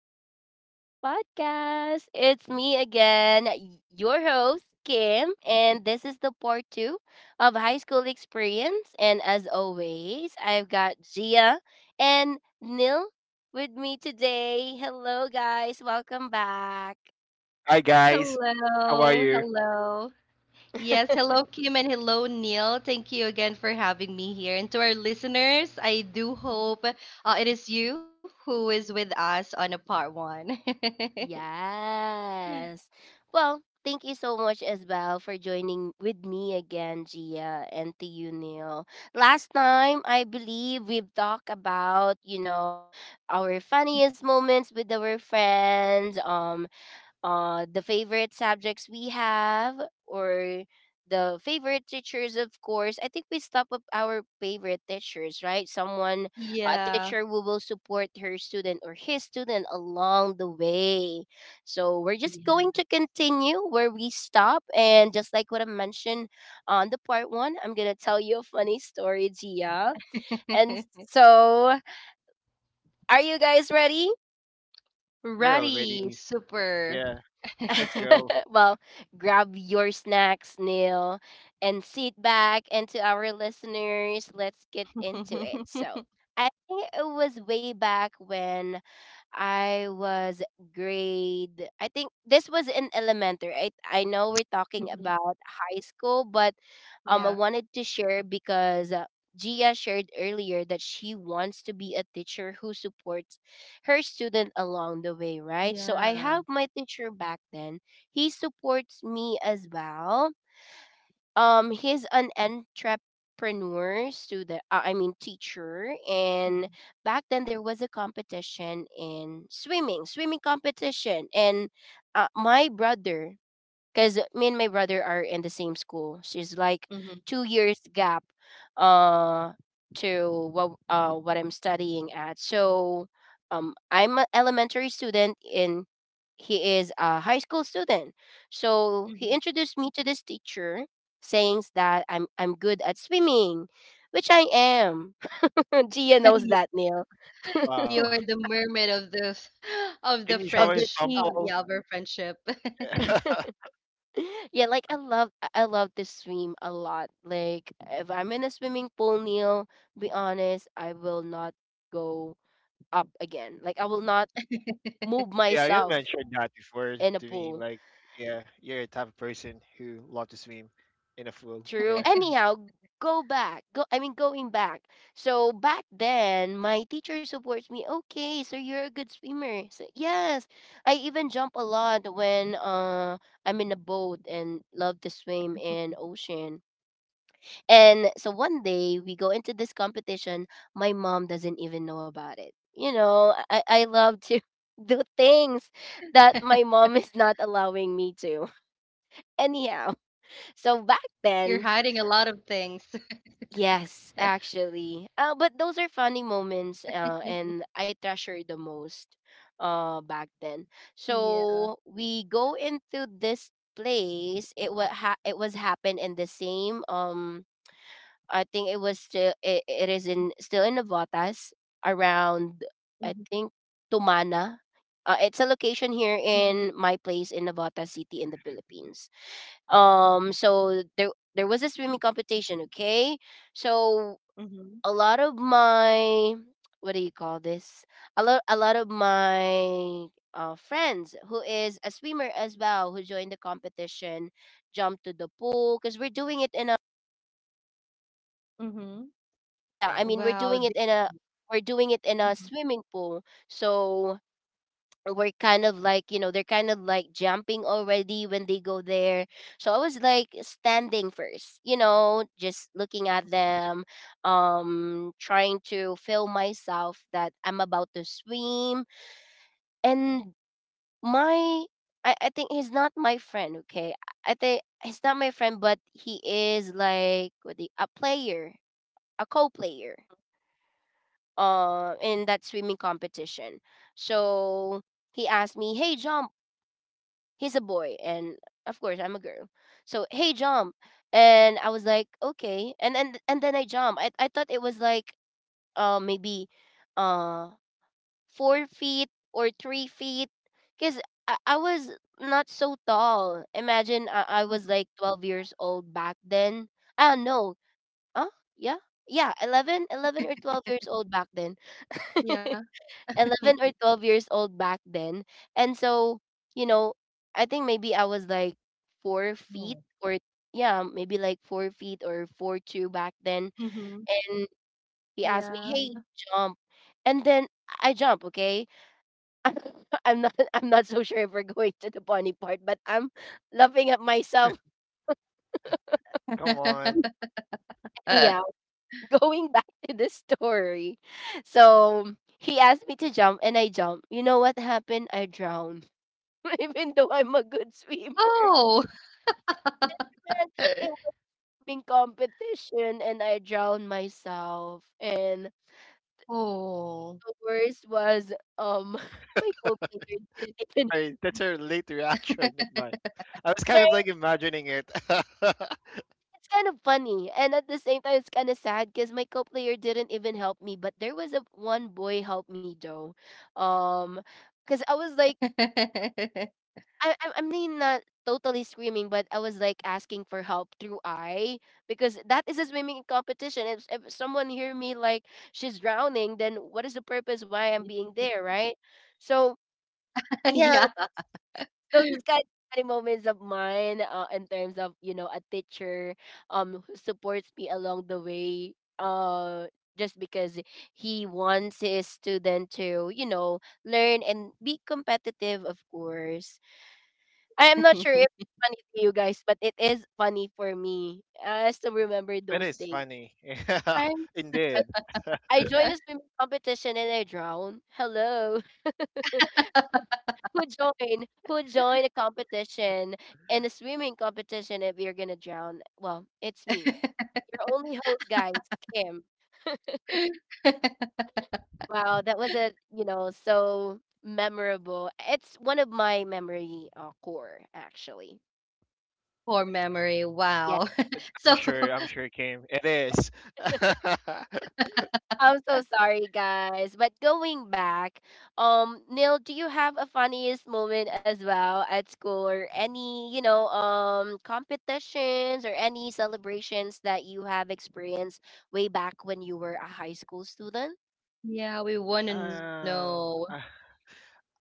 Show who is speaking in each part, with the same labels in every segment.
Speaker 1: back to our podcast. It's me again, your host, Kim, and this is the part two of high school experience. And as always, I've got Gia and Nil with me today. Hello, guys. Welcome back.
Speaker 2: Hi guys, how are
Speaker 3: Hello,
Speaker 2: you?
Speaker 3: hello. Yes, hello, Kim, and hello, Neil. Thank you again for having me here. And to our listeners, I do hope it is you who is with us on a part one.
Speaker 1: Yes. Well, thank you so much as well for joining with me again, Gia, and to you, Neil. Last time, I believe we've talked about, our funniest moments with our friends, the favorite subjects we have, or the favorite teachers. Of course, I think we stop with our favorite teachers, right? Someone, a
Speaker 3: Yeah.
Speaker 1: teacher who will support her student or his student along the way. So we're just going
Speaker 3: Yeah.
Speaker 1: to continue where we stop, and just like what I mentioned on the part one, I'm gonna tell you a funny story, Gia. And so, are you guys ready?
Speaker 2: We're
Speaker 3: Ready.
Speaker 2: already,
Speaker 3: Super.
Speaker 2: yeah. Let's go.
Speaker 1: Well, grab your snacks, Neil, and sit back. And to our listeners, let's get into it. So, I think it was way back when I was grade. I think this was in elementary. I know we're talking
Speaker 3: Mhm.
Speaker 1: about high school, but I
Speaker 3: Yeah.
Speaker 1: wanted to share because. Gia shared earlier that she wants to be a teacher who supports her student along the way, right? So I have
Speaker 3: Yeah.
Speaker 1: my teacher back then. He supports me as well. He's an entrepreneur student. I mean teacher. And back then there was a competition in swimming, swimming competition, and my brother, because me and my brother are in the same school. She's like
Speaker 3: Hmm.
Speaker 1: 2 years gap uh to what I'm studying at. So I'm an elementary student and he is a high school student. So he
Speaker 3: Hmm.
Speaker 1: introduced me to this teacher, saying that I'm good at swimming, which I am. Gia knows that, Neil.
Speaker 3: You are
Speaker 2: Wow,
Speaker 3: the mermaid of the of the
Speaker 2: can you show
Speaker 1: of
Speaker 2: a
Speaker 1: the
Speaker 3: French,
Speaker 1: team.
Speaker 2: sample?
Speaker 3: yeah, of our friendship.
Speaker 2: Yeah,
Speaker 1: Yeah, like I love to swim a lot. Like if I'm in a swimming pool, Neil, be honest, I will not go up again. Like I will not move
Speaker 2: yeah, you
Speaker 1: myself
Speaker 2: mentioned that before
Speaker 1: in a
Speaker 2: to me.
Speaker 1: pool.
Speaker 2: Like, yeah, you're a type of person who love to swim in a pool.
Speaker 1: True.
Speaker 2: Yeah,
Speaker 1: Anyhow, go back. Go I mean going back. So back then my teacher supports me. Okay, so you're a good swimmer. So yes. I even jump a lot when I'm in a boat and love to swim in ocean. And so one day we go into this competition. My mom doesn't even know about it. You know, I love to do things that my mom is not allowing me to.
Speaker 3: You're
Speaker 1: Anyhow,
Speaker 3: hiding a lot of
Speaker 1: so
Speaker 3: things.
Speaker 1: back then, yes, actually. But those are funny moments and I treasure the most back
Speaker 3: Yeah.
Speaker 1: then. So we go into this place. It was happened in the same I think it was still, it is in still in Navotas,
Speaker 3: Mhm,
Speaker 1: around, I think, Tumana. It's a location
Speaker 3: mhm,
Speaker 1: here in my place in Navotas City in the Philippines. So there was a swimming competition. Okay, so
Speaker 3: mhm,
Speaker 1: a lot of my, what do you call this? A lot of my friends who is a swimmer as well, who joined the competition, jumped to the pool because we're doing it in a
Speaker 3: mhm.
Speaker 1: yeah, i
Speaker 2: mhm.
Speaker 1: mean we're
Speaker 3: Wow.
Speaker 1: doing it in a we're doing it in
Speaker 3: Mhm,
Speaker 1: a swimming pool. So we're kind of like, they're kind of like jumping already when they go there. So I was like standing first, just looking
Speaker 3: mhm,
Speaker 1: at them, trying to feel myself that I'm about to swim. And my I think he's not my friend, okay? I think he's not my friend, but he is like what the, a player a co-player in that swimming competition. So he asked me, "Hey, jump." He's a boy, and of course I'm a girl. So, "Hey, jump." And I was like, "Okay." And then I jump. I thought it was like maybe uh 4 feet or 3 feet, cuz I was not so tall. Imagine I,
Speaker 3: mhm,
Speaker 1: I
Speaker 3: mhm.
Speaker 1: was like 12 years old back then. I don't know. Huh? Yeah. Yeah, 11, 11 or 12 years old back then.
Speaker 3: Yeah.
Speaker 1: 11 or 12 years old back then. And so, you know, I think maybe I was like 4 feet,
Speaker 3: Oh.
Speaker 1: or yeah, maybe like 4 feet or 4'2" back
Speaker 3: Mhm.
Speaker 1: then. And
Speaker 3: Yeah.
Speaker 1: he asked me, "Hey, jump." And then I jump, okay?
Speaker 3: Mhm.
Speaker 1: I'm not so sure if we're going to the bunny part, but I'm laughing at myself,
Speaker 2: Come on.
Speaker 3: Uh,
Speaker 1: anyhow. Going back to the story. So he asked me to jump and I jumped. You know what happened? I drowned. even though I'm a good
Speaker 3: Oh.
Speaker 1: swimmer. But it was in competition and I drowned myself. And
Speaker 3: Oh.
Speaker 1: the worst was um my co-player didn't even
Speaker 2: That's a late reaction of mine. I was kind of like
Speaker 1: Right?
Speaker 2: imagining it.
Speaker 1: It's kind of funny. And at the same time, it's kind of sad because my co-player didn't even help me. But there was a one boy helped me though. Um, because I was like I mean not totally screaming, but I was like asking for help through I, because that is a swimming competition. If someone hear me like she's drowning, then what is the purpose why I'm being there, right? So
Speaker 3: Yeah.
Speaker 1: yeah, those is kind of funny moments of mine in terms of a teacher who supports me along the way just because he wants his student to learn and be competitive, of course. I am not sure if it's funny to you guys, but it is funny for me. I still remember
Speaker 2: It
Speaker 1: those
Speaker 2: is
Speaker 1: days.
Speaker 2: funny. Yeah,
Speaker 1: Right?
Speaker 2: indeed.
Speaker 1: I joined a swimming competition and I drowned. Hello. Who joined? Who joined a competition and a swimming competition if you're gonna drown? Well, it's me. Your only host, guys, Kim. Wow, that was a so memorable. It's one of my memory core actually.
Speaker 3: Poor memory. Wow.
Speaker 2: I'm
Speaker 3: So,
Speaker 2: sure. I'm sure, Kim. It is.
Speaker 1: I'm so sorry, guys. But going back, Neil, do you have a funniest moment as well at school, or any, competitions, or any celebrations that you have experienced way back when you were a high school student?
Speaker 3: yeah, we want to know.
Speaker 2: um, uh,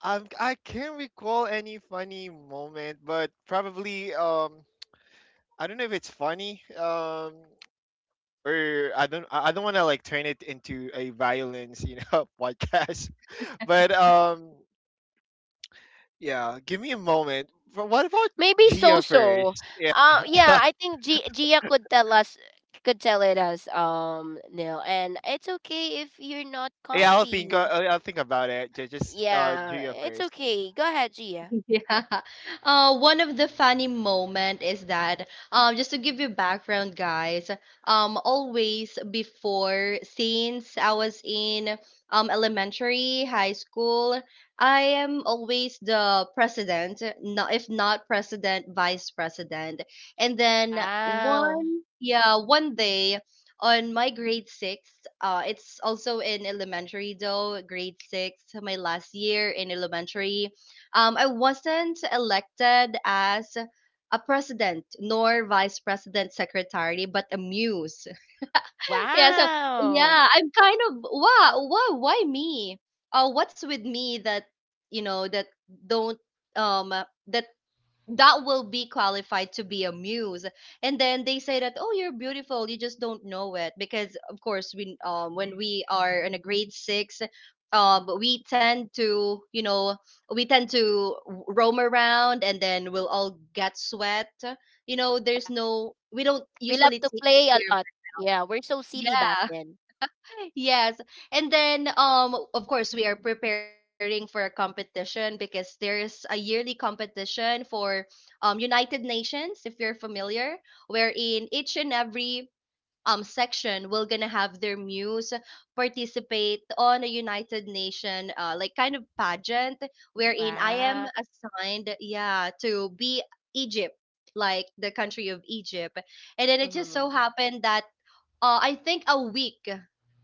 Speaker 2: I can't recall any funny moment, but probably I don't know if it's funny or I don't want to like turn it into a violence podcast, but yeah, give me a moment. But what about
Speaker 1: Maybe
Speaker 2: Gia
Speaker 1: so-so.
Speaker 2: first? Yeah,
Speaker 1: Yeah, I think Gia could tell us could tell it us, Neil. And it's okay if you're not
Speaker 2: yeah,
Speaker 1: comfy.
Speaker 2: I'll think about it. Just
Speaker 1: Yeah,
Speaker 2: Gia
Speaker 1: it's
Speaker 2: first.
Speaker 1: okay. Go ahead, Gia.
Speaker 3: Yeah. One of the funny moment is that just to give you background, guys, always before since I was in elementary, high school, I am always the president, not if not president, vice president. And then one
Speaker 1: Wow.
Speaker 3: yeah, one day on my grade six, it's also in elementary though, grade six, my last year in elementary. I wasn't elected as a president nor vice president secretary, but a muse. Yeah, so
Speaker 1: Wow.
Speaker 3: yeah, I'm kind of wow, why me? What's with me that you know that don't um uh, that that will be qualified to be a muse? And then they say that, oh, you're beautiful, you just don't know it, because of course we when we are in a grade 6, we tend to we tend to roam around, and then we'll all get sweat.
Speaker 1: Yeah,
Speaker 3: There's no, we don't
Speaker 1: we
Speaker 3: usually
Speaker 1: love to
Speaker 3: take
Speaker 1: play a
Speaker 3: care of.
Speaker 1: lot. Yeah, we're so silly back
Speaker 3: Yeah.
Speaker 1: then.
Speaker 3: Yes. And then of course we are preparing for a competition because there's a yearly competition for United Nations, if you're familiar, wherein each and every section will gonna have their muse participate on a United Nation, like, kind of pageant, wherein I am
Speaker 1: Wow.
Speaker 3: assigned, yeah, to be Egypt, like the country of Egypt. And then it just so
Speaker 1: Mhm.
Speaker 3: happened that, I think a week,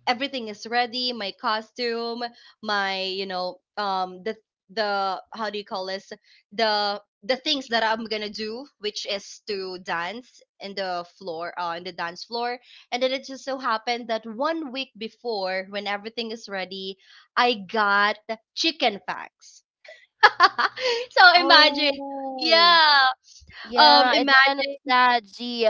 Speaker 3: everything is ready. My costume, my the how do you call this? The things that I'm gonna do, which is to dance in the floor, in the dance floor. And then it just so happened that one week before, when everything is ready, I got chicken facts. So imagine,
Speaker 1: Oh,
Speaker 3: yeah,
Speaker 1: yeah, it's kind of
Speaker 3: imagine.
Speaker 1: sad, Gia.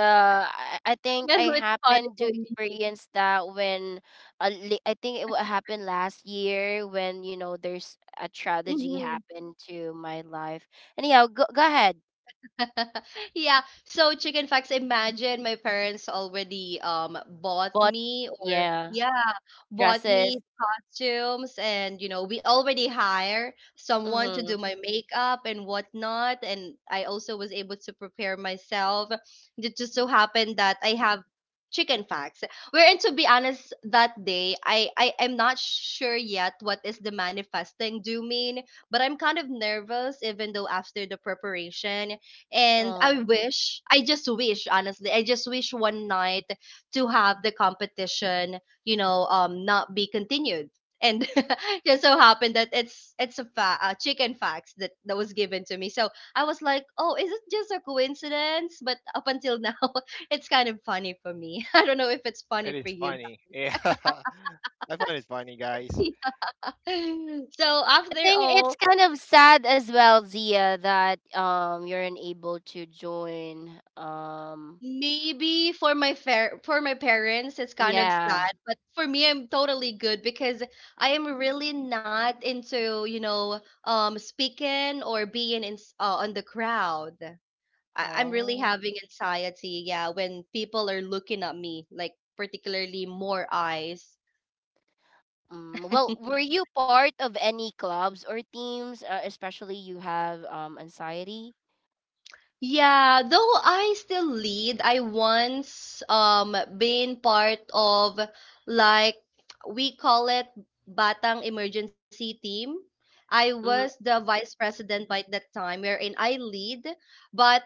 Speaker 1: I
Speaker 3: you
Speaker 1: think I
Speaker 3: know, it's funny
Speaker 1: happened to
Speaker 3: for me.
Speaker 1: experience that when I think it happened last year when, there's a tragedy
Speaker 3: Hmm.
Speaker 1: happened to my life. Anyhow, go ahead.
Speaker 3: Yeah. So chicken facts. Imagine, my parents already bought
Speaker 1: But
Speaker 3: me, or
Speaker 1: yeah,
Speaker 3: yeah, bought
Speaker 1: dresses.
Speaker 3: me costumes, and we already hire someone to do
Speaker 1: Mm-hmm.
Speaker 3: my makeup and whatnot, and I also was able to prepare myself. It just so happened that I have chicken facts, wherein, to be honest, that day I am not sure yet what is the manifesting do mean. But I'm kind of nervous even though after the preparation, and
Speaker 1: Oh.
Speaker 3: I just wish, honestly, I just wish one night to have the competition, not be continued. And just so happened that it's a chicken fax that was given to me. So I was like, oh, is it just a coincidence? But up until now it's kind of funny for me. I don't know if it's funny for
Speaker 2: It's
Speaker 3: you
Speaker 2: funny. Yeah, I find it funny, guys.
Speaker 3: guys. So
Speaker 1: I
Speaker 3: after
Speaker 1: think it's
Speaker 3: all,
Speaker 1: kind of sad as well, Zia, that you're unable to join.
Speaker 3: maybe for my fair for my parents it's kind of
Speaker 1: Yeah.
Speaker 3: sad, but for me I'm totally good, because I am really not into speaking or being in on the crowd. I'm really
Speaker 1: Oh.
Speaker 3: having anxiety, yeah, when people are looking at me, like particularly more eyes.
Speaker 1: Mm. Well, were you part of any clubs or teams? Especially you have anxiety.
Speaker 3: Yeah, though I still lead, I once been part of, like, we call it Batang Emergency Team. I was
Speaker 1: Mm-hmm.
Speaker 3: the vice president by that time, wherein I lead, but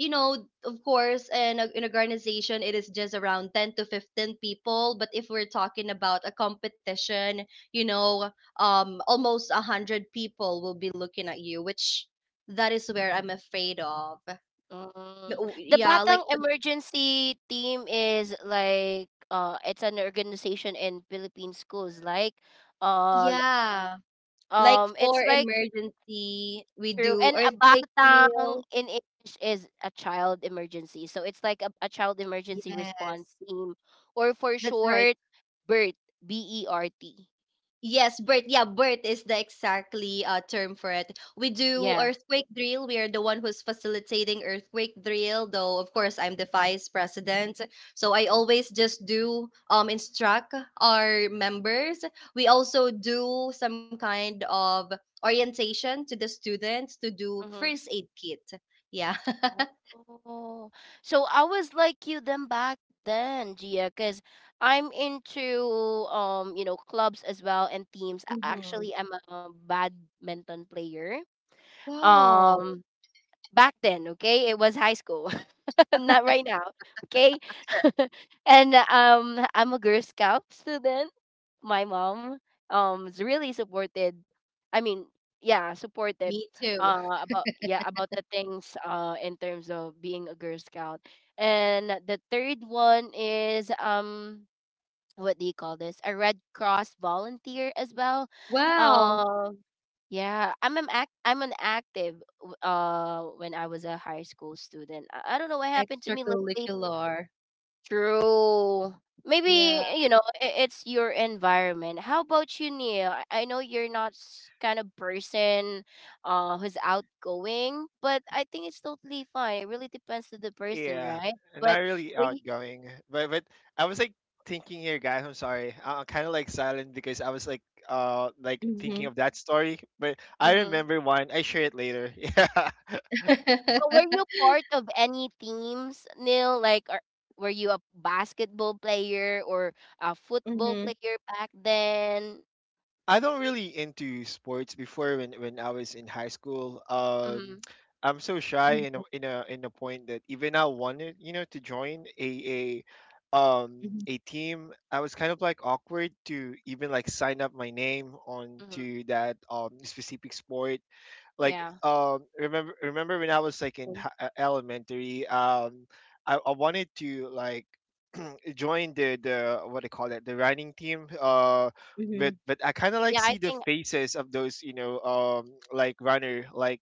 Speaker 3: you know, of course, in an organization, it is just around 10 to 15 people. But if we're talking about a competition, you know, almost 100 people will be looking at you, which that is where I'm afraid of.
Speaker 1: Mm.
Speaker 3: Oh.
Speaker 1: The
Speaker 3: Yeah, like
Speaker 1: Batang Emergency Team is like it's an organization in Philippine schools. Like, uh,
Speaker 3: yeah, for
Speaker 1: it's like
Speaker 3: emergency, we
Speaker 1: true.
Speaker 3: do
Speaker 1: And a
Speaker 3: earthquake
Speaker 1: batang
Speaker 3: drill.
Speaker 1: in English is a child emergency. So it's like a child emergency
Speaker 3: Yes,
Speaker 1: response team, or for
Speaker 3: that's right.
Speaker 1: short, BERT, B E R T.
Speaker 3: Yes, birth. Yeah, birth is the exactly term for it. We do
Speaker 1: Yeah.
Speaker 3: earthquake drill. We are the one who's facilitating earthquake drill, though of course I'm the vice president. So I always just do instruct our members. We also do some kind of orientation to the students to do
Speaker 1: Mm-hmm.
Speaker 3: first aid kit. Yeah.
Speaker 1: Oh. So I was like you them back then, Gia, because I'm into clubs as well and teams. A-
Speaker 3: Hmm.
Speaker 1: Actually, I'm a badminton player.
Speaker 3: Wow.
Speaker 1: Um, back then, okay? It was high school. Not right now, okay? and I'm a Girl Scout student. My mom is really supported. I mean, yeah, supportive.
Speaker 3: Me too.
Speaker 1: About yeah, about the things in terms of being a Girl Scout. And the third one is what do you call this, a Red Cross volunteer as well.
Speaker 3: Wow.
Speaker 1: uh yeah, I'm an active when I was a high school student. I don't know what happened to me lately.
Speaker 3: Extracurricular.
Speaker 1: True. Maybe,
Speaker 3: Yeah.
Speaker 1: it's your environment. How about you, Neil? I know you're not kind of person who's outgoing, but I think it's totally fine. It really depends to the person,
Speaker 2: Yeah,
Speaker 1: right? but
Speaker 2: not really
Speaker 1: were you,
Speaker 2: outgoing, but, I was like thinking here, guys. I'm sorry, I'm kind of like silent because I was like
Speaker 3: Hmm.
Speaker 2: thinking of that story. But I
Speaker 1: mm-hmm.
Speaker 2: remember one. I share it later. Yeah,
Speaker 1: But were you part of any teams, Neil? Like, were you a basketball player or a football
Speaker 3: Mhm,
Speaker 1: player back then?
Speaker 2: I don't really into sports before when I was in high school.
Speaker 1: Mm-hmm.
Speaker 2: I'm so shy
Speaker 3: mhm,
Speaker 2: in a point that even I wanted to join a um
Speaker 3: mhm,
Speaker 2: a team. I was kind of like awkward to even like sign up my name
Speaker 1: Mm-hmm.
Speaker 2: onto that specific sport. Like,
Speaker 1: Yeah.
Speaker 2: remember when I was like in elementary. I wanted to like join the what they call it, the running team. Uh,
Speaker 3: mhm,
Speaker 2: but but I kind of like
Speaker 1: Yeah, I
Speaker 2: see the
Speaker 1: think.
Speaker 2: faces of those like runner, like.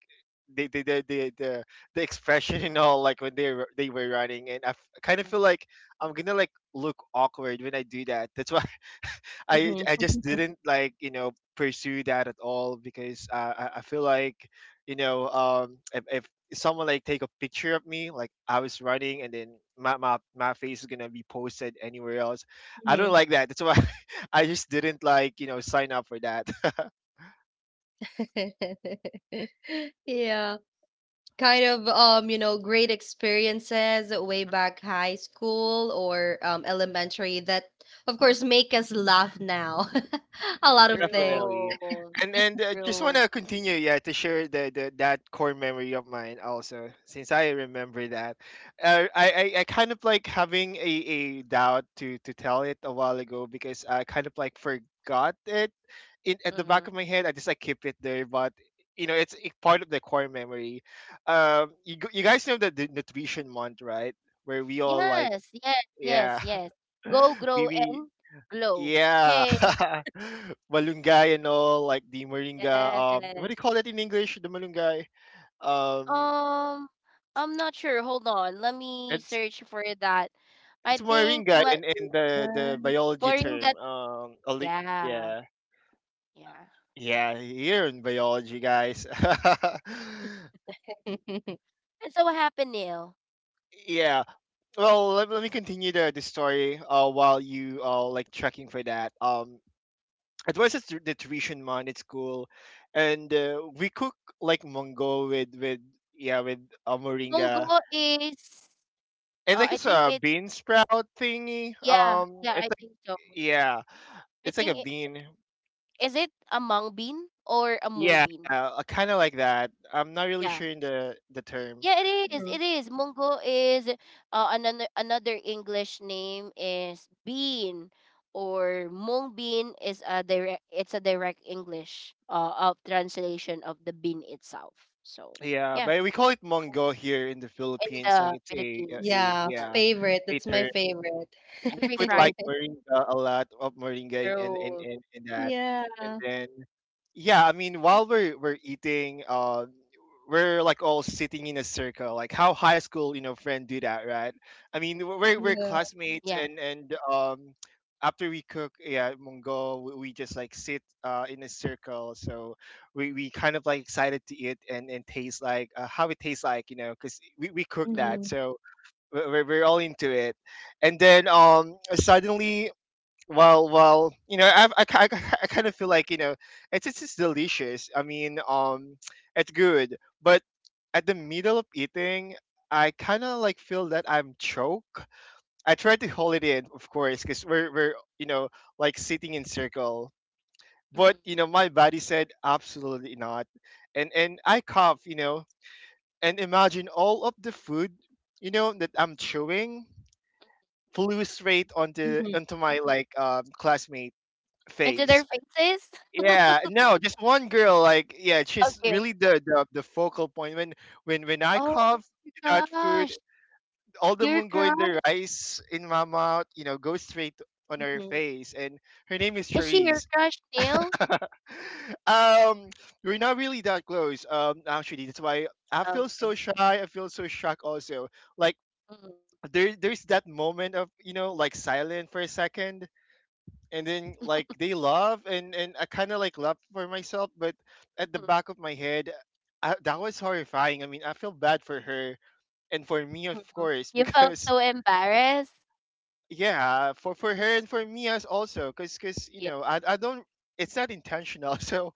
Speaker 2: The, the, the, the, the the expression and all, like when they were running, and I kind of
Speaker 1: Mm,
Speaker 2: feel like I'm gonna like look awkward when I do that. That's why I
Speaker 3: mhm,
Speaker 2: I just didn't like pursue that at all, because I feel like if someone like take a picture of me, like I was running, and then my face is gonna be posted anywhere else. I don't
Speaker 3: mhm.
Speaker 2: like that, that's why. I just didn't like sign up for that.
Speaker 3: Yeah, kind of great experiences way back high school or elementary that of course make us laugh now. A lot of things.
Speaker 2: Definitely.
Speaker 1: true.
Speaker 2: And just want
Speaker 1: True.
Speaker 2: to continue, yeah, to share the that core memory of mine also, since I remember that. I kind of like having a doubt to tell it a while ago, because I kind of like forgot it in at the
Speaker 1: Mm-hmm.
Speaker 2: back of my head. I just like keep it there, but it's part of the core memory. You guys know the nutrition month, right? Where we all, like,
Speaker 1: Yes. Yes. Yes.
Speaker 2: yeah.
Speaker 1: Yes. Go, grow,
Speaker 2: We,
Speaker 1: and glow.
Speaker 2: yeah.
Speaker 1: Hey.
Speaker 2: Malunggay and all, like the moringa. What
Speaker 1: Yes.
Speaker 2: do you call that in English? The malunggay. Um,
Speaker 1: Um, I'm not sure. Hold on. Let me
Speaker 2: it's
Speaker 1: search for that. I
Speaker 2: it's
Speaker 1: think
Speaker 2: moringa in the
Speaker 3: Yeah.
Speaker 2: biology
Speaker 1: Moringa.
Speaker 2: term.
Speaker 1: Yeah.
Speaker 2: Yeah,
Speaker 1: Yeah.
Speaker 2: yeah, here in biology, guys.
Speaker 1: And so what happened, Neil?
Speaker 2: Yeah. Well, let me continue the story. While you like checking for that. It was just the tradition, man. It's cool, and we cook, like, mango with, yeah, with moringa,
Speaker 1: Munggo is,
Speaker 2: and like
Speaker 1: I
Speaker 2: it's
Speaker 1: think
Speaker 2: a
Speaker 1: it,
Speaker 2: bean sprout thingy.
Speaker 1: yeah, yeah, I
Speaker 2: It's like,
Speaker 1: think so.
Speaker 2: yeah,
Speaker 1: I
Speaker 2: it's like
Speaker 1: think,
Speaker 2: a
Speaker 1: it,
Speaker 2: bean,
Speaker 1: is it a mung bean or a mung
Speaker 2: yeah,
Speaker 1: bean?
Speaker 2: kind of like that. I'm not really
Speaker 1: Yeah.
Speaker 2: sure in the term.
Speaker 1: Yeah, it is.
Speaker 3: Mhm.
Speaker 1: It is. Munggo is another English name is bean, or mung bean is a direct it's a direct English of translation of the bean itself. So
Speaker 2: Yeah,
Speaker 1: yeah,
Speaker 2: but we call it mango here in the
Speaker 1: in
Speaker 2: Philippines, like
Speaker 1: the
Speaker 2: it's
Speaker 1: Philippines in
Speaker 2: a
Speaker 3: Yeah,
Speaker 2: yeah,
Speaker 1: Tagalog,
Speaker 3: favorite.
Speaker 2: a
Speaker 3: That's my
Speaker 2: term.
Speaker 3: favorite.
Speaker 2: And
Speaker 1: every
Speaker 2: we put,
Speaker 1: Friday
Speaker 2: like, moringa, a lot of moringa in
Speaker 1: through
Speaker 2: that. And
Speaker 3: Yeah.
Speaker 2: then yeah, I mean, while we're eating, we're like all sitting in a circle, like how high school friend do that, right? I mean, we're
Speaker 3: Yeah.
Speaker 1: yeah.
Speaker 2: classmates, and after we cook, yeah, mongo, we just like sit in a circle, so we kind of like excited to eat, and taste, like, how it tastes, like, because we
Speaker 1: mm.
Speaker 2: cook that,
Speaker 3: Mhm,
Speaker 2: so we're all into it, and then suddenly, well, I kind of feel like, it's just delicious. I mean, it's good, but at the middle of eating, I kind of like feel that I'm choke. I try to hold it in, of course, because we're like sitting in circle,
Speaker 1: Mm.
Speaker 2: but my body said absolutely not. And I cough, and imagine all of the food that I'm chewing flew straight onto
Speaker 3: mhm,
Speaker 2: onto my, like, classmate
Speaker 1: Into their
Speaker 2: face.
Speaker 1: faces?
Speaker 2: Yeah, no, just one girl. Like, yeah, she's
Speaker 1: Okay.
Speaker 2: really the focal point. When I
Speaker 1: Oh,
Speaker 2: cough
Speaker 1: your
Speaker 2: that food,
Speaker 1: crush.
Speaker 2: all the
Speaker 1: Your
Speaker 2: moon in the
Speaker 1: crush.
Speaker 2: rice in my mouth. Go straight on her
Speaker 3: mhm,
Speaker 2: face. And her name is
Speaker 1: Is she your
Speaker 2: Charisse.
Speaker 1: crush, Neil?
Speaker 2: Um, we're not really that close. Actually, that's why I feel so
Speaker 1: Okay.
Speaker 2: shy. I feel so shocked also. Like,
Speaker 1: Mm.
Speaker 2: there's that moment of, like, silent for a second, and then like they love, and I kind of like love for myself, but at the
Speaker 1: Mhm.
Speaker 2: back of my head, that
Speaker 1: Y-
Speaker 2: was horrifying. I mean, I feel bad for her and for me, of course.
Speaker 1: You felt
Speaker 2: Because
Speaker 1: so embarrassed.
Speaker 2: yeah, for her
Speaker 1: Oh,
Speaker 2: and for me as also, because
Speaker 1: yeah,
Speaker 2: I don't. It's not intentional. So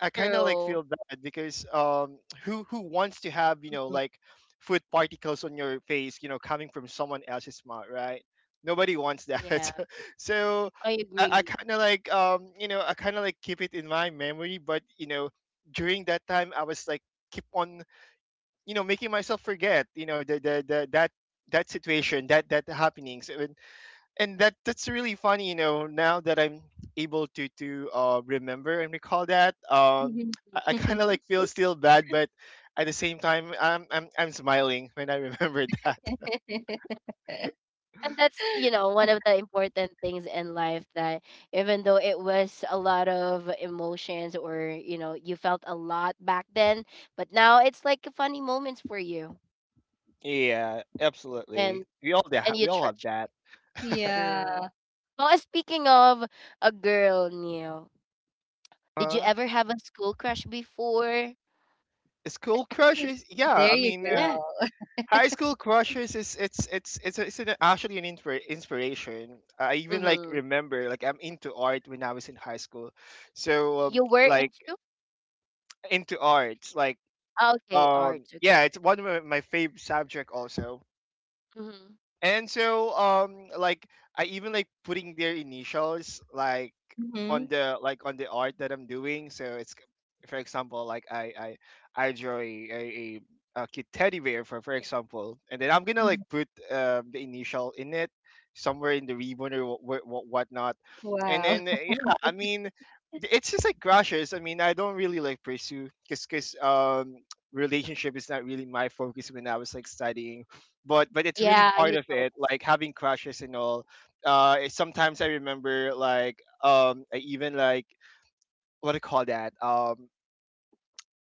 Speaker 2: I kind of like
Speaker 1: true.
Speaker 2: feel bad, because who wants to have, like, food particles on your face, coming from someone else's mouth, right? Nobody wants
Speaker 1: Yeah,
Speaker 2: that. So
Speaker 1: I
Speaker 2: I,
Speaker 1: agree.
Speaker 2: I kind of like keep it in my memory, but during that time I was like keep on, making myself forget, the that situation, that happenings. And that's really funny, now that I'm able to remember and recall that.
Speaker 3: mhm,
Speaker 1: Mm.
Speaker 2: I kind of
Speaker 3: mhm.
Speaker 2: like feel still bad, but at the same time, I'm smiling when I remember that.
Speaker 1: And that's, you know, one of the important things in life that even though it was a lot of emotions or, you know, you felt a lot back then, but now it's like funny moments for you.
Speaker 2: Yeah, absolutely,
Speaker 1: And
Speaker 2: we all da-
Speaker 1: and you
Speaker 2: we all have
Speaker 1: trust.
Speaker 2: that.
Speaker 3: Yeah,
Speaker 1: True. Well, speaking of a girl, Neil, did you
Speaker 2: uh
Speaker 1: ever have a school crush before?
Speaker 2: School crushes. Yeah,
Speaker 3: there
Speaker 2: I
Speaker 3: you
Speaker 2: mean,
Speaker 1: Yeah.
Speaker 3: go.
Speaker 2: high school crushes is, it's actually an inspiration. I even like
Speaker 1: Mm-hmm.
Speaker 2: remember, like, I'm into art when I was in high school, so
Speaker 1: You were
Speaker 2: like
Speaker 1: into?
Speaker 2: into arts, like,
Speaker 1: Okay, arts. Okay.
Speaker 2: yeah, it's one of my favorite subject also.
Speaker 1: Mm-hmm.
Speaker 2: And so like, I even like putting their initials, like,
Speaker 3: Hmm.
Speaker 2: on the art that I'm doing. So for example, like, I draw a cute teddy bear, for example, and then I'm gonna like put, the initial in it somewhere in the ribbon, or whatnot. And
Speaker 3: Wow.
Speaker 2: then yeah, I mean, it's just like crushes. I mean, I don't really like pursue, because relationship is not really my focus when I was like studying, but it's really
Speaker 1: Yeah,
Speaker 2: part
Speaker 1: you
Speaker 2: of
Speaker 1: told
Speaker 2: it,
Speaker 1: us.
Speaker 2: like having crushes and all. Sometimes I remember, like, I even like, what do you call that,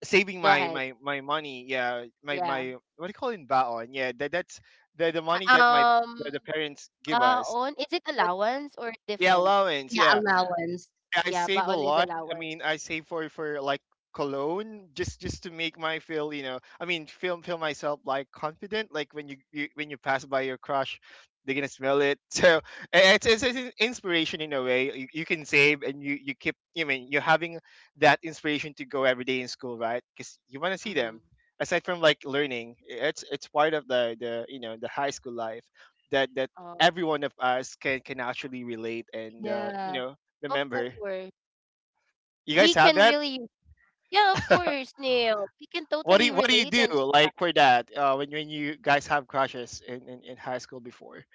Speaker 2: saving
Speaker 1: Go
Speaker 2: my
Speaker 1: ahead.
Speaker 2: my my money, yeah, my
Speaker 1: Yeah.
Speaker 2: my what do you call it in baon? Yeah, that that's the money that my
Speaker 1: Uh,
Speaker 2: the,
Speaker 1: Um,
Speaker 2: the parents give us.
Speaker 1: Baon, is it
Speaker 3: But
Speaker 1: allowance or
Speaker 2: Yeah,
Speaker 1: different?
Speaker 2: allowance,
Speaker 3: yeah,
Speaker 2: yeah.
Speaker 3: allowance.
Speaker 2: I
Speaker 1: Yeah,
Speaker 2: save a
Speaker 1: baon is
Speaker 2: lot. I mean,
Speaker 1: allowance.
Speaker 2: I save for, like, cologne, just to make my feel, I mean, feel myself like confident, like when you when you pass by your crush, they're gonna smell it. So it's an inspiration, in a way. You can save, and you keep, I mean, you're having that inspiration to go every day in school, right, because you want to see
Speaker 1: Mm-hmm.
Speaker 2: them, aside from like learning. It's part of the you know the high school life that
Speaker 1: Oh,
Speaker 2: every one of us can actually relate, and
Speaker 3: Yeah,
Speaker 1: of
Speaker 2: remember.
Speaker 1: course.
Speaker 2: You guys
Speaker 1: We
Speaker 2: have
Speaker 1: can
Speaker 2: that?
Speaker 1: really, yeah, of course, Neil. We can
Speaker 2: What do
Speaker 1: totally
Speaker 2: you, what do you
Speaker 1: relate
Speaker 2: do,
Speaker 1: and stuff.
Speaker 2: like, for that? When you guys have crushes in high school before?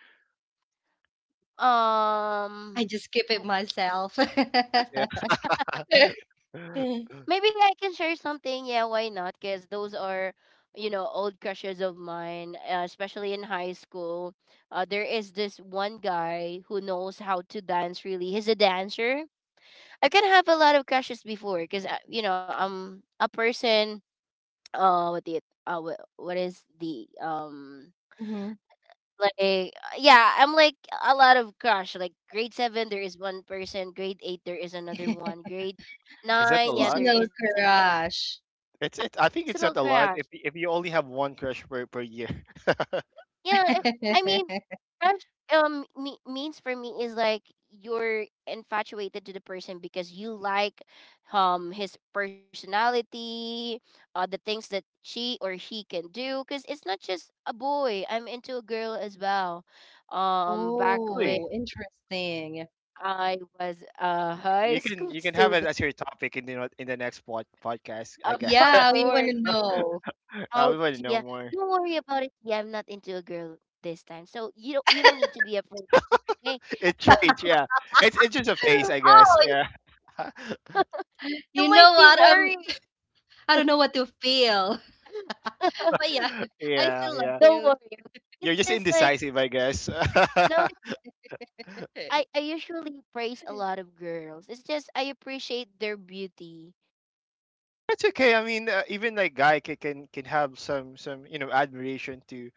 Speaker 3: I
Speaker 1: Um,
Speaker 3: just keep it myself.
Speaker 2: Yeah.
Speaker 1: Maybe I can share something. Yeah, why not? Because those are, you know, old crushes of mine, especially in high school. There is this one guy who knows how to dance. Really, he's a dancer. I can have a lot of crushes before, because you know, I'm a person. Uh, what the what is the
Speaker 3: Mhm.
Speaker 1: like yeah I'm like a lot of crush, like grade 7 there is one person, grade 8 there is another one, grade
Speaker 2: Is that a
Speaker 1: 9, yeah,
Speaker 2: lot?
Speaker 1: there
Speaker 3: Seasonal
Speaker 1: is like a,
Speaker 3: crush.
Speaker 2: It's it. I
Speaker 1: it's a
Speaker 2: think
Speaker 1: little
Speaker 2: it's not a
Speaker 1: crush.
Speaker 2: lot. If you only have one crush per year,
Speaker 1: Yeah, I, I mean, crush me, means for me is like you're infatuated to the person because you like his personality, the things that she or he can do, cuz it's not just a boy. I'm into a girl as well. Back when
Speaker 3: Oh,
Speaker 2: really,
Speaker 3: interesting.
Speaker 1: I was a high
Speaker 2: you can
Speaker 1: school
Speaker 2: you can have it
Speaker 1: student.
Speaker 2: as your topic in the next podcast, I guess.
Speaker 1: Of
Speaker 3: Yeah, we want to
Speaker 1: course.
Speaker 3: know.
Speaker 1: Oh,
Speaker 2: We want to know
Speaker 1: Tia,
Speaker 2: more.
Speaker 1: don't worry about it. Yeah, I'm not into a girl this time. So you don't need to be afraid. Okay?
Speaker 2: It changed. Yeah. It's just a phase, I guess.
Speaker 3: Oh.
Speaker 2: Yeah.
Speaker 3: You
Speaker 1: You
Speaker 3: know
Speaker 1: might be
Speaker 3: what?
Speaker 1: worried.
Speaker 3: I don't know what to feel. But yeah, I
Speaker 2: yeah.
Speaker 3: still love
Speaker 2: Yeah.
Speaker 1: Don't
Speaker 3: you.
Speaker 1: worry. It's
Speaker 2: You're just
Speaker 1: just like
Speaker 2: indecisive, I guess.
Speaker 1: no, I usually praise a lot of girls. It's just I appreciate their beauty,
Speaker 2: That's okay. I mean, even like guy can, can have some admiration to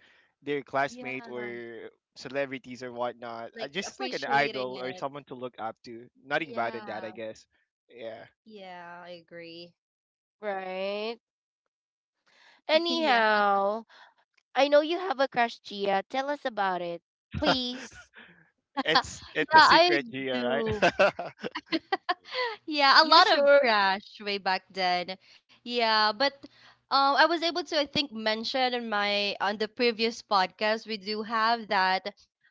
Speaker 2: their classmate
Speaker 3: Yeah,
Speaker 2: or celebrities or whatnot.
Speaker 3: like
Speaker 2: Just like an
Speaker 3: appreciating
Speaker 2: idol or
Speaker 3: it.
Speaker 2: someone to look up to. Nothing bad in that,
Speaker 3: Yeah.
Speaker 2: I guess. Yeah,
Speaker 3: Yeah, I agree.
Speaker 1: right?
Speaker 3: Yeah.
Speaker 1: Anyhow, I know you have a crush, Gia. Tell us about it, please.
Speaker 2: it's a
Speaker 3: Yeah, I
Speaker 2: secret, Gia,
Speaker 3: do.
Speaker 2: right?
Speaker 3: Yeah, a
Speaker 1: You
Speaker 3: lot of
Speaker 1: sure?
Speaker 3: crash way back then. Yeah, but I was able to, I think, mention in my on the previous podcast, we do have that.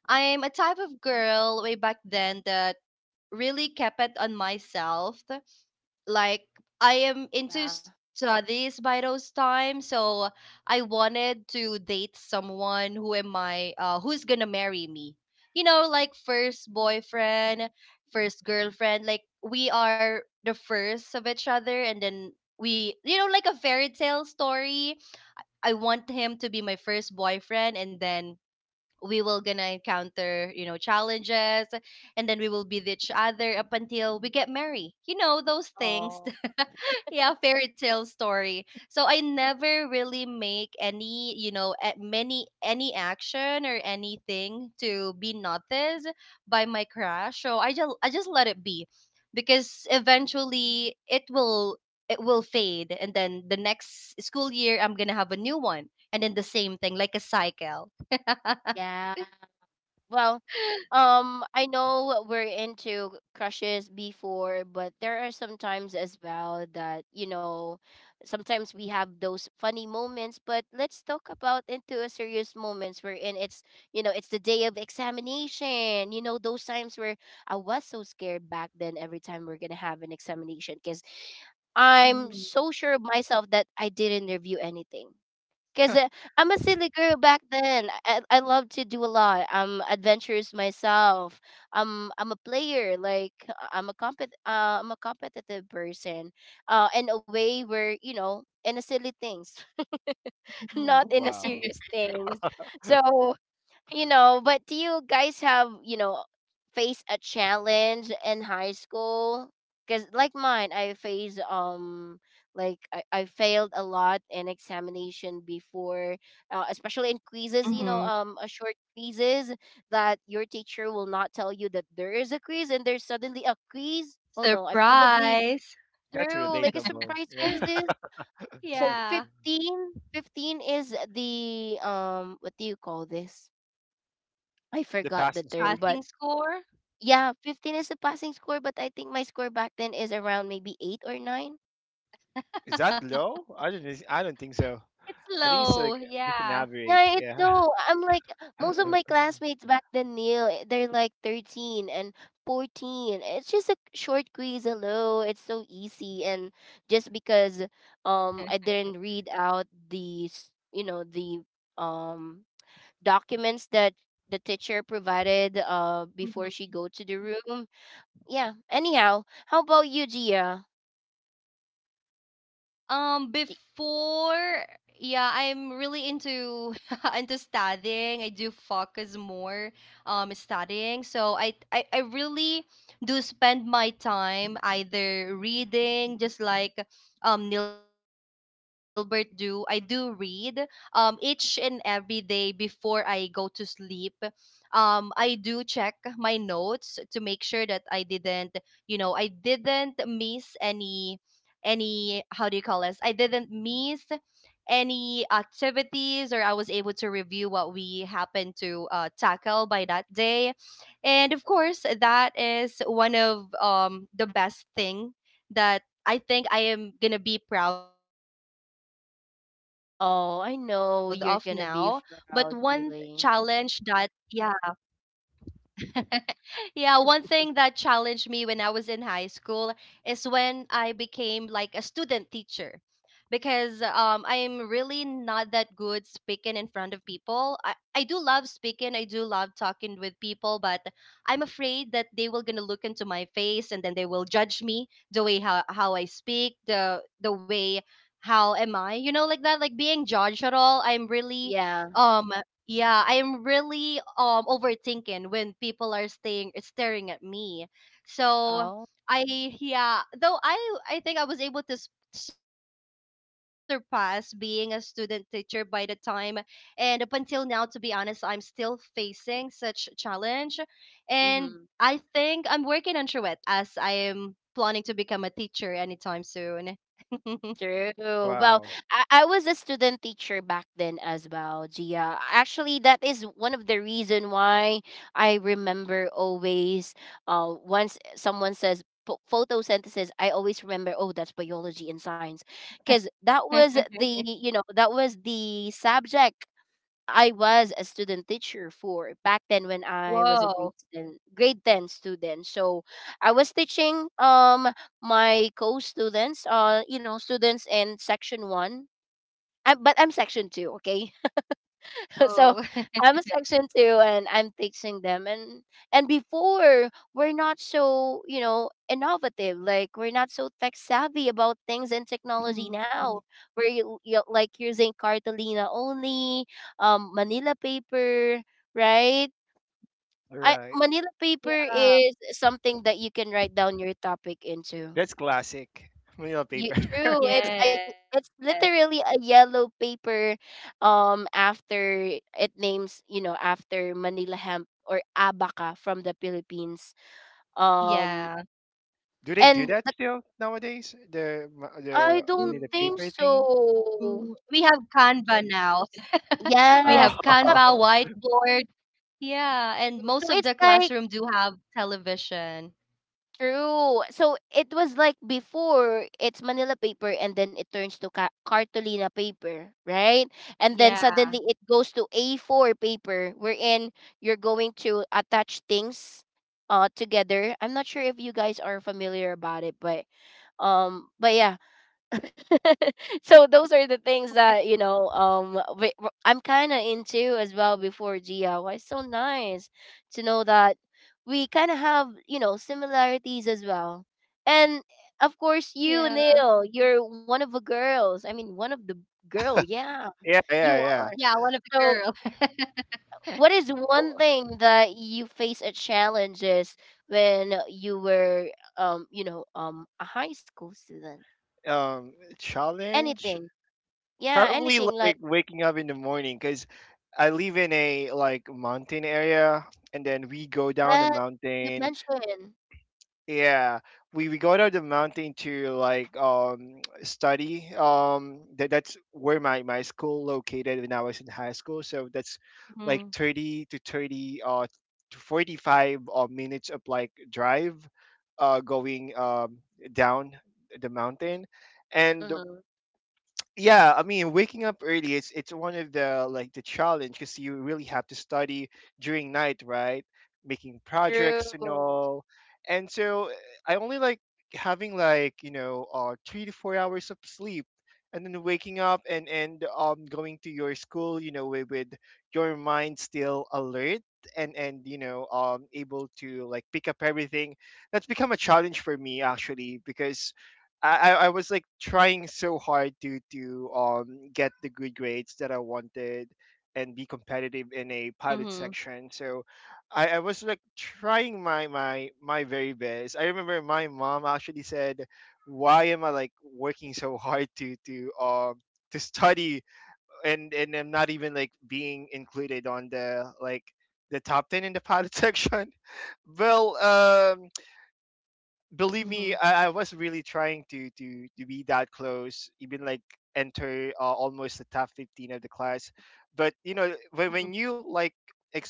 Speaker 3: I'm a type of girl way back then that really kept it on myself, like, I am into
Speaker 1: Yeah.
Speaker 3: studies by those times, so I wanted to date someone who am I who's gonna marry me. You know, like first boyfriend, first girlfriend, like we are the first of each other, and then we like a fairy tale story. I want him to be my first boyfriend, and then we will gonna encounter challenges, and then we will be with each other up until we get married, those things.
Speaker 1: Oh,
Speaker 3: Yeah, fairy tale story, so I never really make any you know a- many any action or anything to be noticed by my crush. So I just let it be, because eventually it will fade, and then the next school year I'm gonna have a new one, and then the same thing, like a cycle.
Speaker 1: yeah. Well, I know we're into crushes before, but there are some times as well that, you know, sometimes we have those funny moments, but let's talk about into a serious moments wherein it's, you know, it's the day of examination. You know, those times where I was so scared back then every time we're gonna have an examination because I'm
Speaker 3: Mhm,
Speaker 1: so sure of myself that I didn't review anything. Cause I'm a silly girl back then. I love to do a lot. I'm adventurous myself. I'm a player. I'm a competitive person. In a way where you know in a silly things, not
Speaker 3: mhm,
Speaker 1: in a
Speaker 2: Wow,
Speaker 1: serious things. So you know, but do you guys have, you know, face a challenge in high school? Because like mine, I faced like I failed a lot in examination before, especially in quizzes. You know,
Speaker 3: mhm.
Speaker 1: a short quizzes that your teacher will not tell you that there is a quiz, and there's suddenly a quiz. Oh no, I probably
Speaker 3: Surprise.
Speaker 2: that's
Speaker 1: true like a
Speaker 2: relatable.
Speaker 1: surprise
Speaker 2: Yeah,
Speaker 1: quizzes. So
Speaker 3: Yeah.
Speaker 1: 15 is the what do you call this? I
Speaker 2: the
Speaker 1: forgot the
Speaker 2: passing
Speaker 1: term,
Speaker 2: score
Speaker 1: but
Speaker 3: Passing score?
Speaker 1: yeah, 15 is the passing score, but I think my score back then is around maybe 8 or 9.
Speaker 2: is that low? I don't think so.
Speaker 3: It's
Speaker 2: I think it's
Speaker 3: low.
Speaker 2: like just an
Speaker 3: Yeah.
Speaker 2: average.
Speaker 1: Yeah, it's
Speaker 2: Yeah.
Speaker 1: no. I'm like most of my classmates back then, Neil, eh, they're like 13 and 14. It's just a short quiz, hello. It's so easy and just because I didn't read out the, you know, the um documents that the teacher provided before she go to the room. Yeah. Anyhow, how about you, Gia?
Speaker 3: Before, yeah, I'm really into into studying. I do focus more studying. So I really do spend my time either reading, just like Nilbert do. I do read each and every day before I go to sleep. I do check my notes to make sure that I didn't miss any how do you call this? I didn't miss any activities, or I was able to review what we happened to tackle by that day. And of course, that is one of the best thing that I think I am gonna be proud of now. But one
Speaker 1: Oh,
Speaker 3: challenge
Speaker 1: I
Speaker 3: that
Speaker 1: know you're
Speaker 3: yeah.
Speaker 1: gonna be proud, really.
Speaker 3: Yeah, one thing that challenged me when I was in high school is when I became like a student teacher, because I'm really not that good speaking in front of people. I do love speaking. I do love talking with people, but I'm afraid that they will gonna look into my face and then they will judge me the way how I speak, the way how am I, like that, like being judged at all.
Speaker 1: Yeah.
Speaker 3: Um yeah, I'm really overthinking when people are staying staring at me. So
Speaker 1: Oh.
Speaker 3: I yeah, though I think I was able to surpass being a student teacher by the time, and up until now, to be honest, I'm still facing such challenge, and I
Speaker 1: Mm-hmm.
Speaker 3: think I'm working on through it as I am planning to become a teacher anytime soon.
Speaker 1: True. Well,
Speaker 2: Wow.
Speaker 1: I was a student teacher back then as well, Gia. Actually, that is one of the reason why I remember always. Once someone says photosynthesis, I always remember. Oh, that's biology and science, because that was the you know that was the subject I was a student teacher for back then when I was a
Speaker 3: Whoa.
Speaker 1: grade 10, grade 10 student. So I was teaching my co-students, you know, students in section 1. I, but I'm section 2, okay?
Speaker 3: Whoa.
Speaker 1: So I'm a section two and I'm teaching them, and before we're not so, you know, innovative. Like we're not so tech savvy about things and technology
Speaker 3: Mm.
Speaker 1: now. We're like using cartolina only, manila paper, right?
Speaker 2: All
Speaker 1: I
Speaker 2: right.
Speaker 1: manila paper
Speaker 3: Yeah.
Speaker 1: is something that you can write down your topic into.
Speaker 2: That's classic. Manila
Speaker 1: You
Speaker 2: paper.
Speaker 1: true. It's a,
Speaker 3: Yes.
Speaker 1: it's literally a yellow paper after it names, you know, after Manila hemp or abaca from the Philippines. Um
Speaker 3: Yeah.
Speaker 2: Do they do
Speaker 1: and
Speaker 2: that
Speaker 1: the,
Speaker 2: still nowadays?
Speaker 1: I
Speaker 2: The money
Speaker 1: don't
Speaker 2: the
Speaker 3: Mm,
Speaker 1: think
Speaker 3: we
Speaker 2: paper
Speaker 3: have
Speaker 2: thing?
Speaker 3: Canva
Speaker 1: so.
Speaker 3: now. We have Canva,
Speaker 1: Yes. Not
Speaker 3: whiteboard.
Speaker 2: Oh.
Speaker 3: Yeah, and most of the
Speaker 1: true. So it's
Speaker 3: classroom do
Speaker 1: like
Speaker 3: have television.
Speaker 1: true. So it was like before it's Manila paper and then it turns to cartolina paper, right?
Speaker 3: Yeah.
Speaker 1: And then suddenly it goes to A4 paper wherein you're going to attach things together. I'm not sure if you guys are familiar about it, but yeah, so those are the things that you know I'm kind of into as well before, DIY. It's so nice to know that we kind of have you know similarities as well, and of course
Speaker 3: Yeah.
Speaker 1: you Neil, you're one of the girls, I mean one of the girl, yeah,
Speaker 2: Yeah,
Speaker 1: you
Speaker 2: yeah,
Speaker 3: Yeah,
Speaker 2: yeah.
Speaker 1: are.
Speaker 3: one of the
Speaker 1: So
Speaker 3: girls.
Speaker 1: what is one
Speaker 2: Well,
Speaker 1: thing that you face at challenges when you were you know a high school student,
Speaker 2: Um, challenge
Speaker 1: anything, yeah
Speaker 2: probably
Speaker 1: anything like.
Speaker 2: like waking up in the morning because I live in a like mountain area, and then we go down the
Speaker 1: Yes, you
Speaker 2: mountain.
Speaker 1: mentioned.
Speaker 2: Yeah, we go to the mountain to like study. That that's where my school located when I was in high school. So that's like
Speaker 3: Mhm.
Speaker 2: 30 to 30 to 45 minutes of like drive, going down the mountain, and
Speaker 1: Mm-hmm.
Speaker 2: yeah. I mean waking up early, it's one of the like the challenge, because you really have to study during night, right? Making projects and
Speaker 1: True.
Speaker 2: all, and so I only like having like 3 to 4 hours of sleep, and then waking up and going to your school, you know, with your mind still alert and you know able to like pick up everything. That's become a challenge for me actually, because I was like trying so hard to get the good grades that I wanted and be
Speaker 3: Mhm.
Speaker 2: competitive in a pilot section. So I was like trying my my very best. I remember my mom actually said, "Why am I like working so hard to study and I'm not even like being included on the like the top ten in the pilot section?" Well,
Speaker 3: Mhm.
Speaker 2: believe me, I was really trying to to be that close, even like enter almost the top 15 of the class. But you know,
Speaker 3: Mhm.
Speaker 2: when you like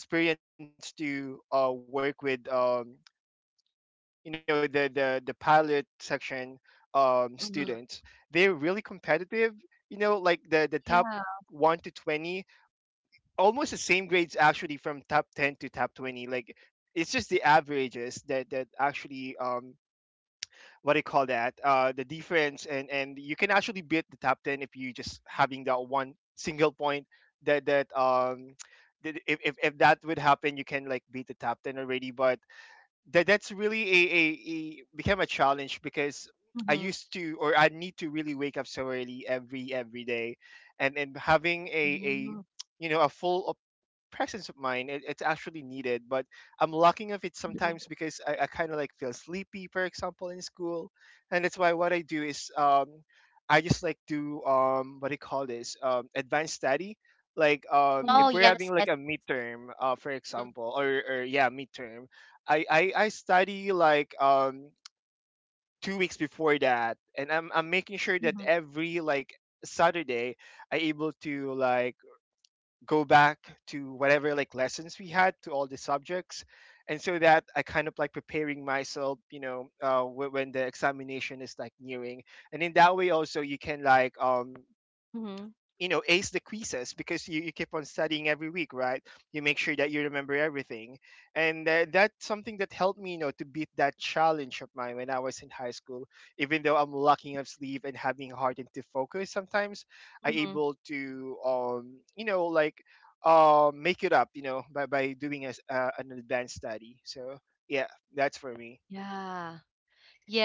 Speaker 2: experience to work with you know the pilot section
Speaker 3: Mhm.
Speaker 1: Hmm.
Speaker 2: students, they're really competitive. You know, like the top
Speaker 3: Yeah.
Speaker 2: 1 to 20, almost the same grades actually from top ten to top 20. Like it's just the averages that that actually what do you call that, the defense, and you can actually beat the top 10 if you just having that one single point that that that if that would happen, you can like beat the top 10 already. But that's really a became a challenge because I used
Speaker 3: Mhm.
Speaker 2: to or I need to really wake up so early every day and having a
Speaker 3: Mhm.
Speaker 2: you know a full presence of mind. It, it's actually needed, but I'm lacking of it sometimes
Speaker 3: Mhm.
Speaker 2: because I kind of like feel sleepy, for example, in school, and that's why what I do is I just like do what do you call this, advanced study. Like
Speaker 1: Oh,
Speaker 2: if
Speaker 3: Mhm.
Speaker 2: we're having
Speaker 1: yes,
Speaker 2: like
Speaker 1: yes.
Speaker 2: a midterm, for
Speaker 1: Hmm.
Speaker 2: example, or yeah, midterm, I study like 2 weeks before that, and I'm making sure that
Speaker 3: Mhm.
Speaker 2: every like Saturday I able to like go back to whatever like lessons we had to all the subjects, and so that I kind of like preparing myself, you know, when the examination is like nearing. And in that way also you can like
Speaker 3: Mhm.
Speaker 2: you know ace the quizzes because you keep on studying every week, right? You make sure that you remember everything, and that's something that helped me, you know, to beat that challenge of mine when I was in high school. Even though I'm locking up sleep and having hard to focus sometimes, I
Speaker 3: Mhm.
Speaker 2: able to you know like make it up, you know, by doing an advanced study. So yeah, that's for me.
Speaker 3: Yeah.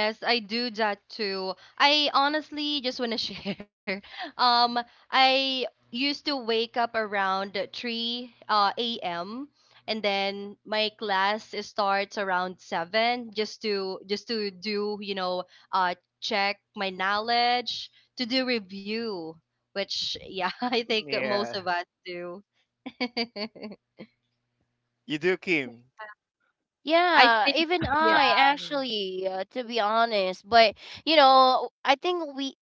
Speaker 3: Yes, I do that too. I honestly just want to share. Um, I used to wake up around 3 a.m., and then my class starts around 7, just to do, uh check my knowledge, to do review, which, yeah, I think most
Speaker 2: Yeah,
Speaker 3: of us do.
Speaker 2: you do, Kim?
Speaker 3: I
Speaker 1: Yeah,
Speaker 3: think,
Speaker 1: even I
Speaker 3: yeah.
Speaker 1: actually, to be honest. But you know, I think we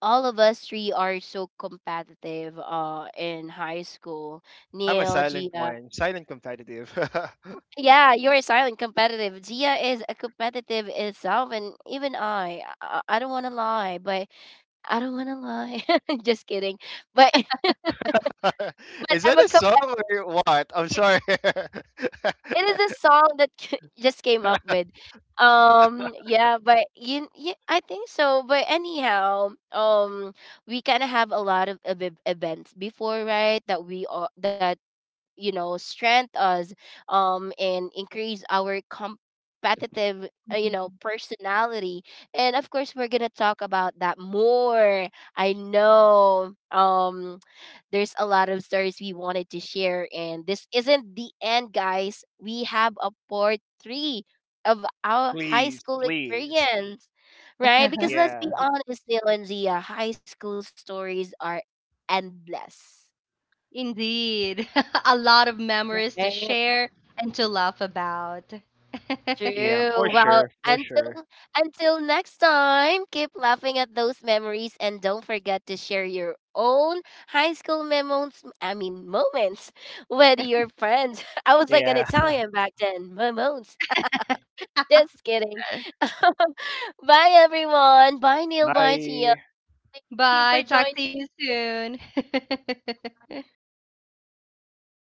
Speaker 1: all of us three are so competitive in high school.
Speaker 2: I'm a
Speaker 1: Neil,
Speaker 2: silent
Speaker 1: Gia.
Speaker 2: one, silent competitive.
Speaker 1: Yeah, you're silent competitive. Gia is a competitive itself, and even I don't want to lie, but I don't want to lie. Just kidding. But but
Speaker 2: Is
Speaker 1: I'm a
Speaker 2: that a
Speaker 1: competitive.
Speaker 2: song or what? I'm sorry.
Speaker 1: It is a song that just came up with. Yeah, but you, yeah, I think so. But anyhow, we kind of have a lot of events before, right? That we all that you know strength us and increase our competitive you know personality, and of course we're gonna talk about that more. I know there's a lot of stories we wanted to share, and this isn't the end guys, we have a part three of our high
Speaker 2: Please,
Speaker 1: school
Speaker 2: please.
Speaker 1: experience, right? Because let's be
Speaker 2: Yeah,
Speaker 1: honest Neil and Zia, high school stories are endless,
Speaker 3: Indeed. A lot of memories to
Speaker 1: right?
Speaker 3: share and to laugh about.
Speaker 2: yeah,
Speaker 1: True.
Speaker 2: for
Speaker 1: Well,
Speaker 2: sure, for sure.
Speaker 1: until next time, keep laughing at those memories and don't forget to share your own high school moments, I mean moments with your friends. I was like an
Speaker 2: Yeah.
Speaker 1: Italian back then. Moments. Just kidding. Bye everyone. Bye Neil, bye Gia.
Speaker 2: Bye.
Speaker 1: Thank you
Speaker 3: Bye.
Speaker 1: for
Speaker 3: Talk to
Speaker 1: joining
Speaker 3: you soon.